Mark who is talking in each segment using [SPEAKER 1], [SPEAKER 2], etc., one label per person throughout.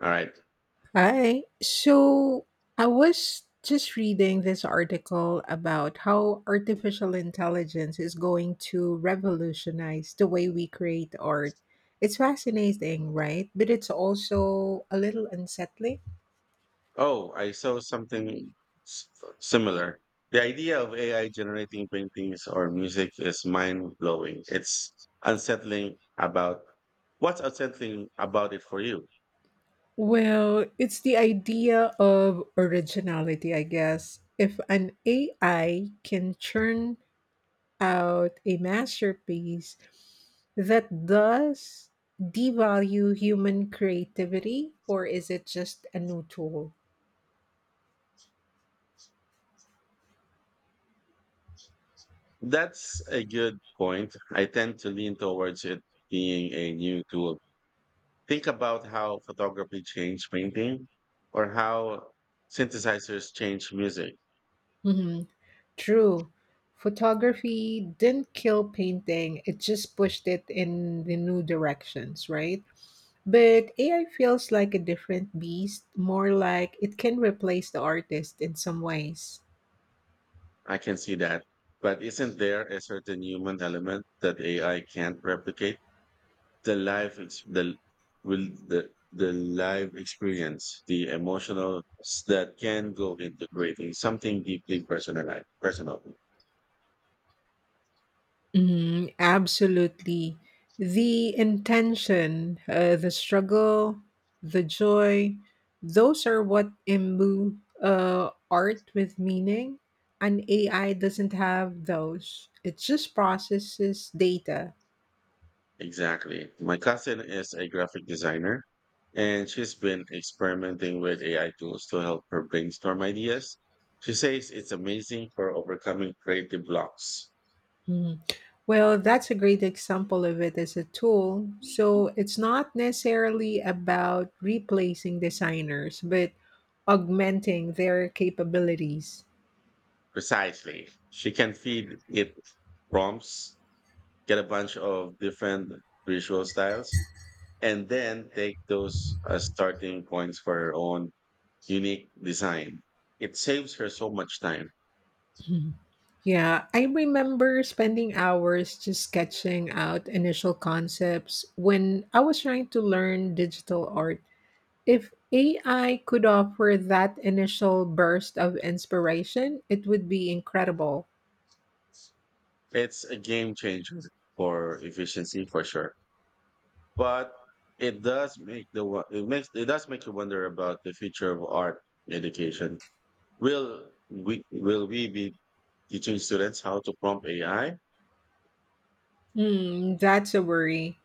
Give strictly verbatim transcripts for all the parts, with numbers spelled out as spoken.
[SPEAKER 1] All right.
[SPEAKER 2] Hi. So I was just reading this article about how artificial intelligence is going to revolutionize the way we create art. It's fascinating, right? But it's also a little unsettling.
[SPEAKER 1] Oh, I saw something s- uh, similar. The idea of A I generating paintings or music is mind blowing. It's unsettling about what's unsettling about it for you.
[SPEAKER 2] Well, it's the idea of originality, I guess. If an A I can churn out a masterpiece, that does devalue human creativity, or is it just a new tool?
[SPEAKER 1] That's a good point. I tend to lean towards it being a new tool. Think about how photography changed painting or how synthesizers change music.
[SPEAKER 2] hmm True. Photography didn't kill painting, it just pushed it in the new directions, right? But A I feels like a different beast, more like it can replace the artist in some ways.
[SPEAKER 1] I can see that. But isn't there a certain human element that A I can't replicate? The life ex- the will the the live experience, the emotional s- that can go into creating something deeply personal. Personal,
[SPEAKER 2] Mhm, absolutely. The intention, uh, the struggle, the joy, those are what imbue uh, art with meaning. And A I doesn't have those, it just processes data.
[SPEAKER 1] exactly. My cousin is a graphic designer, and she's been experimenting with A I tools to help her brainstorm ideas. She says it's amazing for overcoming creative blocks.
[SPEAKER 2] Mhm. Well, that's a great example of it as a tool. So it's not necessarily about replacing designers, but augmenting their capabilities.
[SPEAKER 1] Precisely, she can feed it prompts, get a bunch of different visual styles, and then take those as starting points for her own unique design. It saves her so much time.
[SPEAKER 2] Yeah, I remember spending hours just sketching out initial concepts when I was trying to learn digital art. If A I could offer that initial burst of inspiration, it would be incredible.
[SPEAKER 1] It's a game changer for efficiency for sure. But it does make the wo- it makes it does make you wonder about the future of art education. Will we will we be teaching students how to prompt A I?
[SPEAKER 2] Hmm, that's a worry.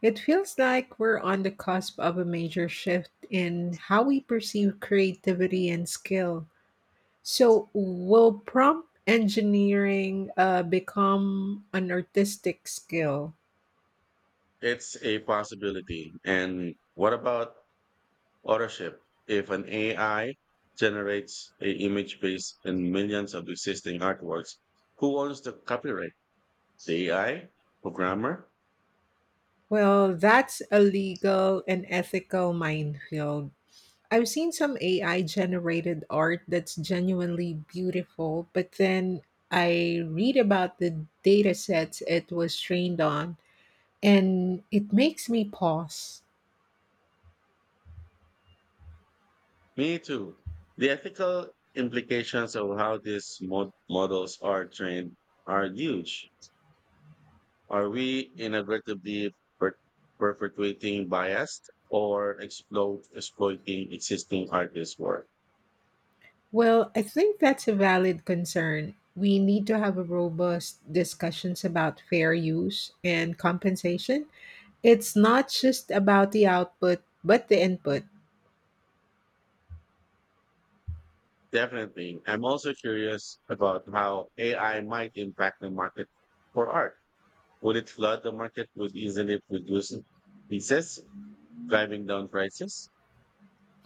[SPEAKER 2] It feels like we're on the cusp of a major shift in how we perceive creativity and skill. So, will prompt engineering uh, become an artistic skill?
[SPEAKER 1] It's a possibility. And what about authorship? If an A I generates a image based on millions of existing artworks, who owns the copyright? The A I? Programmer?
[SPEAKER 2] Well, that's a legal and ethical minefield. I've seen some A I generated art that's genuinely beautiful, but then I read about the data sets it was trained on, and it makes me pause.
[SPEAKER 1] Me too. The ethical implications of how these mod- models are trained are huge. Are we inadvertently per- perpetuating bias or exploit- exploiting existing artists' work?
[SPEAKER 2] Well, I think that's a valid concern. We need to have a robust discussions about fair use and compensation. It's not just about the output, but the input.
[SPEAKER 1] Definitely. I'm also curious about how A I might impact the market for art. Would it flood the market with easily produced pieces, driving down prices?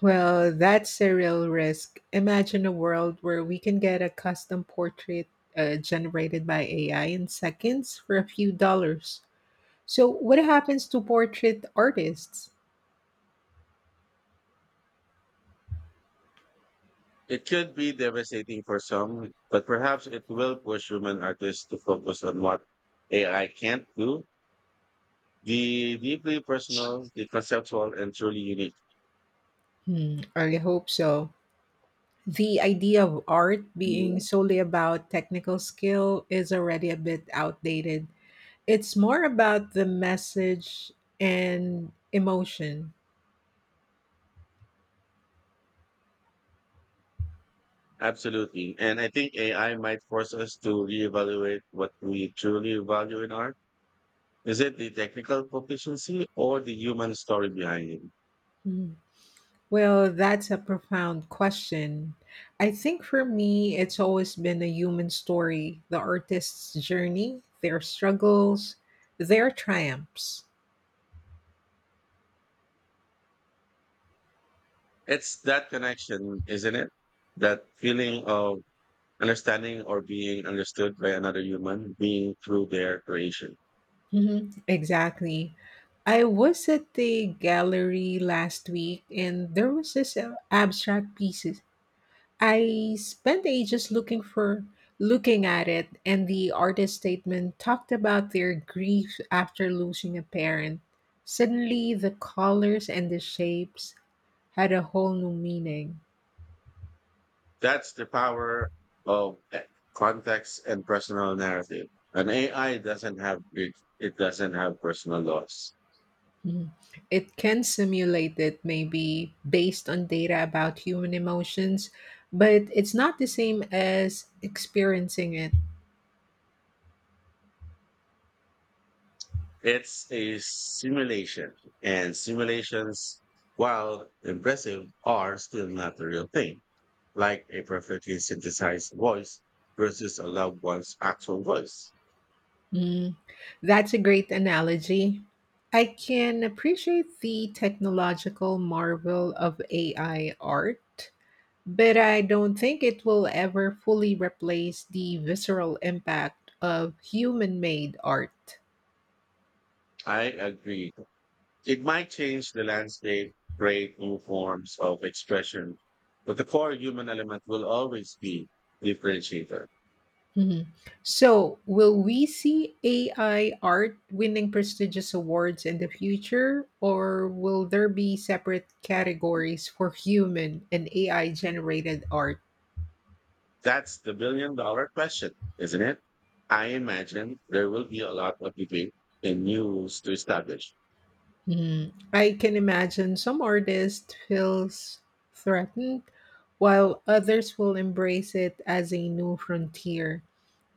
[SPEAKER 2] Well, that's a real risk. Imagine a world where we can get a custom portrait uh, generated by A I in seconds for a few dollars. So, what happens to portrait artists?
[SPEAKER 1] It could be devastating for some, but perhaps it will push human artists to focus on what A I can't do. The deeply personal, the conceptual, and truly unique.
[SPEAKER 2] Hmm, I hope so. The idea of art being solely about technical skill is already a bit outdated. It's more about the message and emotion.
[SPEAKER 1] Absolutely. And I think A I might force us to reevaluate what we truly value in art. Is it the technical proficiency or the human story behind it?
[SPEAKER 2] Hmm. Well, that's a profound question. I think for me, it's always been a human story, the artist's journey, their struggles, their triumphs.
[SPEAKER 1] It's that connection, isn't it? That feeling of understanding or being understood by another human being through their creation.
[SPEAKER 2] Mhm, exactly. I was at the gallery last week and there was this uh, abstract piece. I spent ages looking for looking at it, and the artist statement talked about their grief after losing a parent. Suddenly the colors and the shapes had a whole new meaning.
[SPEAKER 1] That's the power of eh, context and personal narrative. An A I doesn't have it, it doesn't have personal loss.
[SPEAKER 2] Mhm. It can simulate it maybe based on data about human emotions, but it's not the same as experiencing it.
[SPEAKER 1] It's a simulation, and simulations, while impressive, are still not the real thing. Like a perfectly synthesized voice versus a loved one's actual voice.
[SPEAKER 2] Mm, that's a great analogy. I can appreciate the technological marvel of A I art, but I don't think it will ever fully replace the visceral impact of human made art.
[SPEAKER 1] I agree. It might change the landscape, create new forms of expression, but the core human element will always be differentiator.
[SPEAKER 2] Mhm. So, will we see A I art winning prestigious awards in the future, or will there be separate categories for human and A I generated art?
[SPEAKER 1] That's the billion dollar question, isn't it? I imagine there will be a lot of debate and new rules to establish.
[SPEAKER 2] Mm, I can imagine some artists feels threatened, while others will embrace it as a new frontier.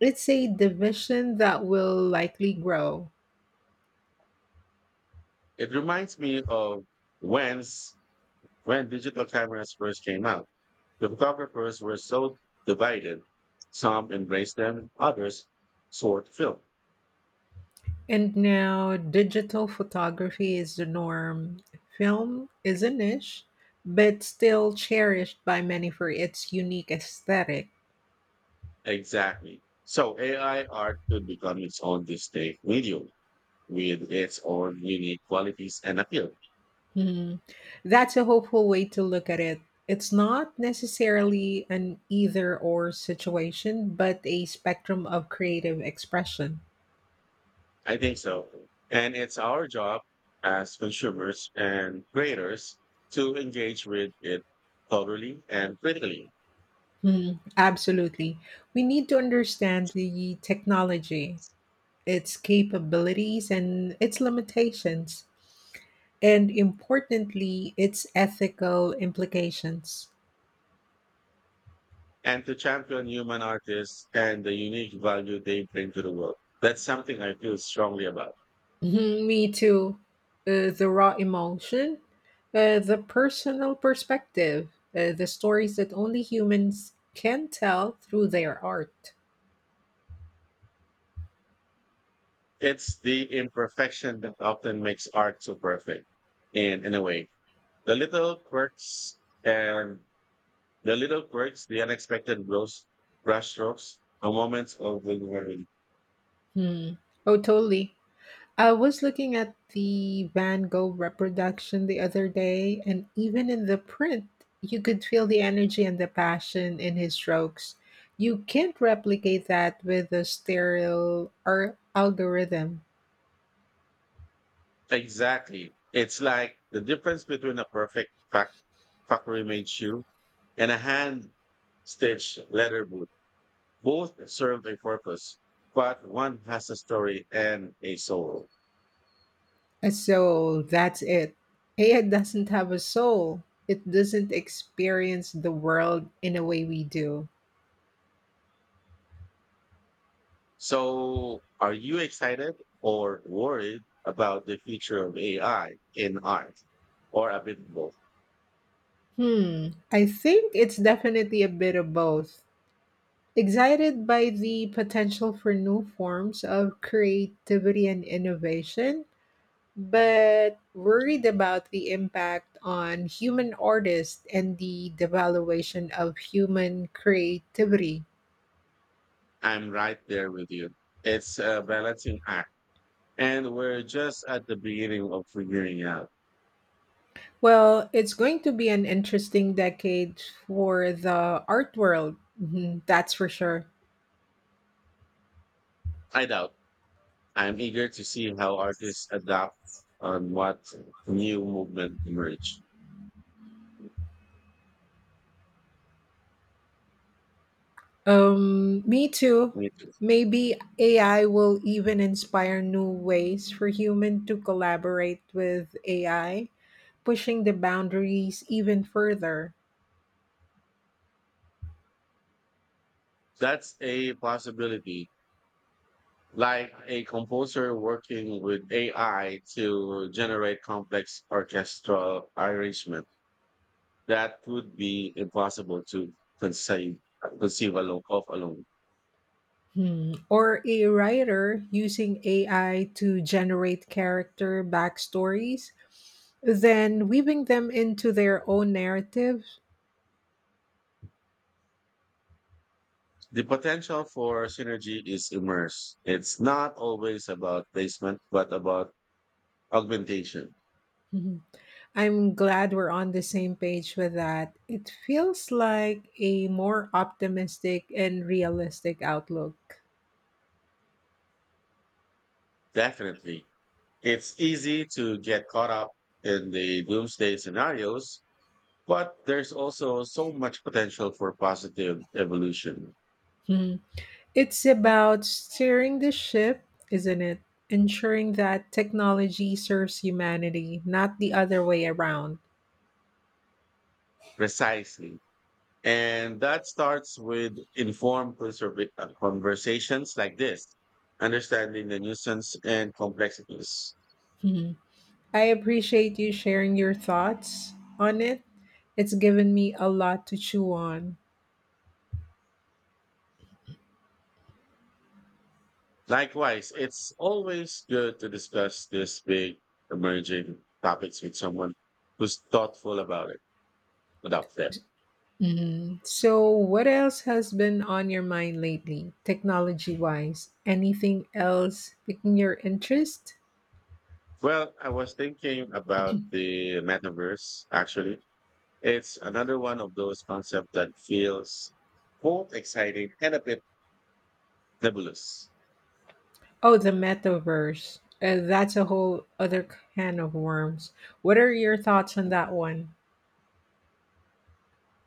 [SPEAKER 2] It's a division that will likely grow.
[SPEAKER 1] It reminds me of when's, when digital cameras first came out. The photographers were so divided. Some embraced them, others sought film.
[SPEAKER 2] And now digital photography is the norm. Film is a niche, but still cherished by many for its unique aesthetic.
[SPEAKER 1] Exactly. So A I art could become its own distinct medium with its own unique qualities and appeal.
[SPEAKER 2] Mhm. That's a hopeful way to look at it. It's not necessarily an either or situation, but a spectrum of creative expression.
[SPEAKER 1] I think so. And it's our job as consumers and creators to engage with it thoroughly and critically,
[SPEAKER 2] Mhm. Absolutely. We need to understand the technology, its capabilities, and its limitations, and importantly, its ethical implications.
[SPEAKER 1] and to champion human artists and the unique value they bring to the world. That's something I feel strongly about.
[SPEAKER 2] Mhm, me too. Uh, the raw emotion, uh, the personal perspective, uh, the stories that only humans can tell through their art.
[SPEAKER 1] It's the imperfection that often makes art so perfect. And in a way, the little quirks and the little quirks, the unexpected blows, brushstrokes, the moments of vulnerability.
[SPEAKER 2] Hmm. Oh, totally. I was looking at the Van Gogh reproduction the other day, and even in the print, you could feel the energy and the passion in his strokes. You can't replicate that with a sterile or algorithm.
[SPEAKER 1] Exactly. It's like the difference between a perfect fac- factory made shoe and a hand stitched leather boot. Both serve a purpose, but one has a story and a soul.
[SPEAKER 2] And so that's it. A I doesn't have a soul. It doesn't experience the world in a way we do.
[SPEAKER 1] So, are you excited or worried about the future of A I in art, or a bit of both?
[SPEAKER 2] Hmm, I think it's definitely a bit of both. Excited by the potential for new forms of creativity and innovation, but worried about the impact on human artists and the devaluation of human creativity.
[SPEAKER 1] I'm right there with you. It's a balancing act, and we're just at the beginning of figuring out.
[SPEAKER 2] Well, it's going to be an interesting decade for the art world. Mhm, that's for sure.
[SPEAKER 1] I doubt. I'm eager to see how artists adapt on what new movement emerge.
[SPEAKER 2] Um, me too.
[SPEAKER 1] Me too.
[SPEAKER 2] Maybe A I will even inspire new ways for human to collaborate with A I, pushing the boundaries even further.
[SPEAKER 1] That's a possibility. Like a composer working with A I to generate complex orchestral arrangements that would be impossible to conceive conceive alone of alone.
[SPEAKER 2] Hmm. Or a writer using A I to generate character backstories, then weaving them into their own narrative.
[SPEAKER 1] The potential for synergy is immense. It's not always about placement, but about augmentation.
[SPEAKER 2] Mhm. I'm glad we're on the same page with that. It feels like a more optimistic and realistic outlook.
[SPEAKER 1] Definitely. It's easy to get caught up in the doomsday scenarios, but there's also so much potential for positive evolution.
[SPEAKER 2] Hmm. It's about steering the ship, isn't it? Ensuring that technology serves humanity, not the other way around.
[SPEAKER 1] Precisely. And that starts with informed conserva- uh, conversations like this, understanding the nuisance and complexities.
[SPEAKER 2] Mhm. I appreciate you sharing your thoughts on it. It's given me a lot to chew on.
[SPEAKER 1] Likewise, it's always good to discuss these big emerging topics with someone who's thoughtful about it, about them.
[SPEAKER 2] Mhm. So, what else has been on your mind lately, technology wise? Anything else piquing your interest?
[SPEAKER 1] Well, I was thinking about the metaverse, actually. It's another one of those concepts that feels both exciting and a bit nebulous.
[SPEAKER 2] Oh, the metaverse. Uh, that's a whole other can of worms. What are your thoughts on that one?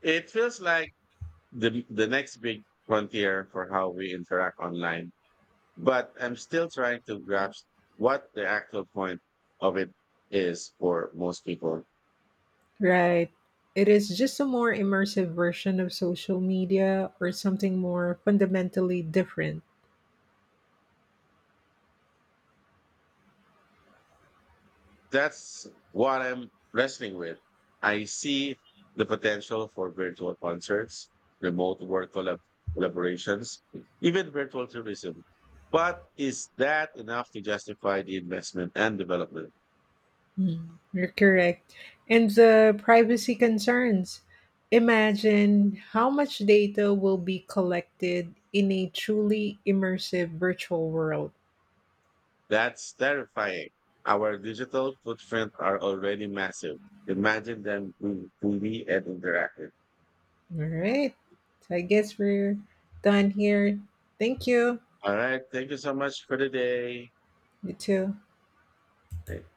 [SPEAKER 1] It feels like the the next big frontier for how we interact online. But I'm still trying to grasp what the actual point of it is for most people.
[SPEAKER 2] Right. It is just a more immersive version of social media or something more fundamentally different.
[SPEAKER 1] That's what I'm wrestling with. I see the potential for virtual concerts, remote work collab- collaborations, even virtual tourism. But is that enough to justify the investment and development?
[SPEAKER 2] Mm. You're correct. And the privacy concerns. Imagine how much data will be collected in a truly immersive virtual world.
[SPEAKER 1] That's terrifying. Our digital footprint are already massive. Imagine them being fully and interactive.
[SPEAKER 2] All right. So I guess we're done here. Thank you.
[SPEAKER 1] All right. Thank you so much for the day.
[SPEAKER 2] You too.
[SPEAKER 1] Thank-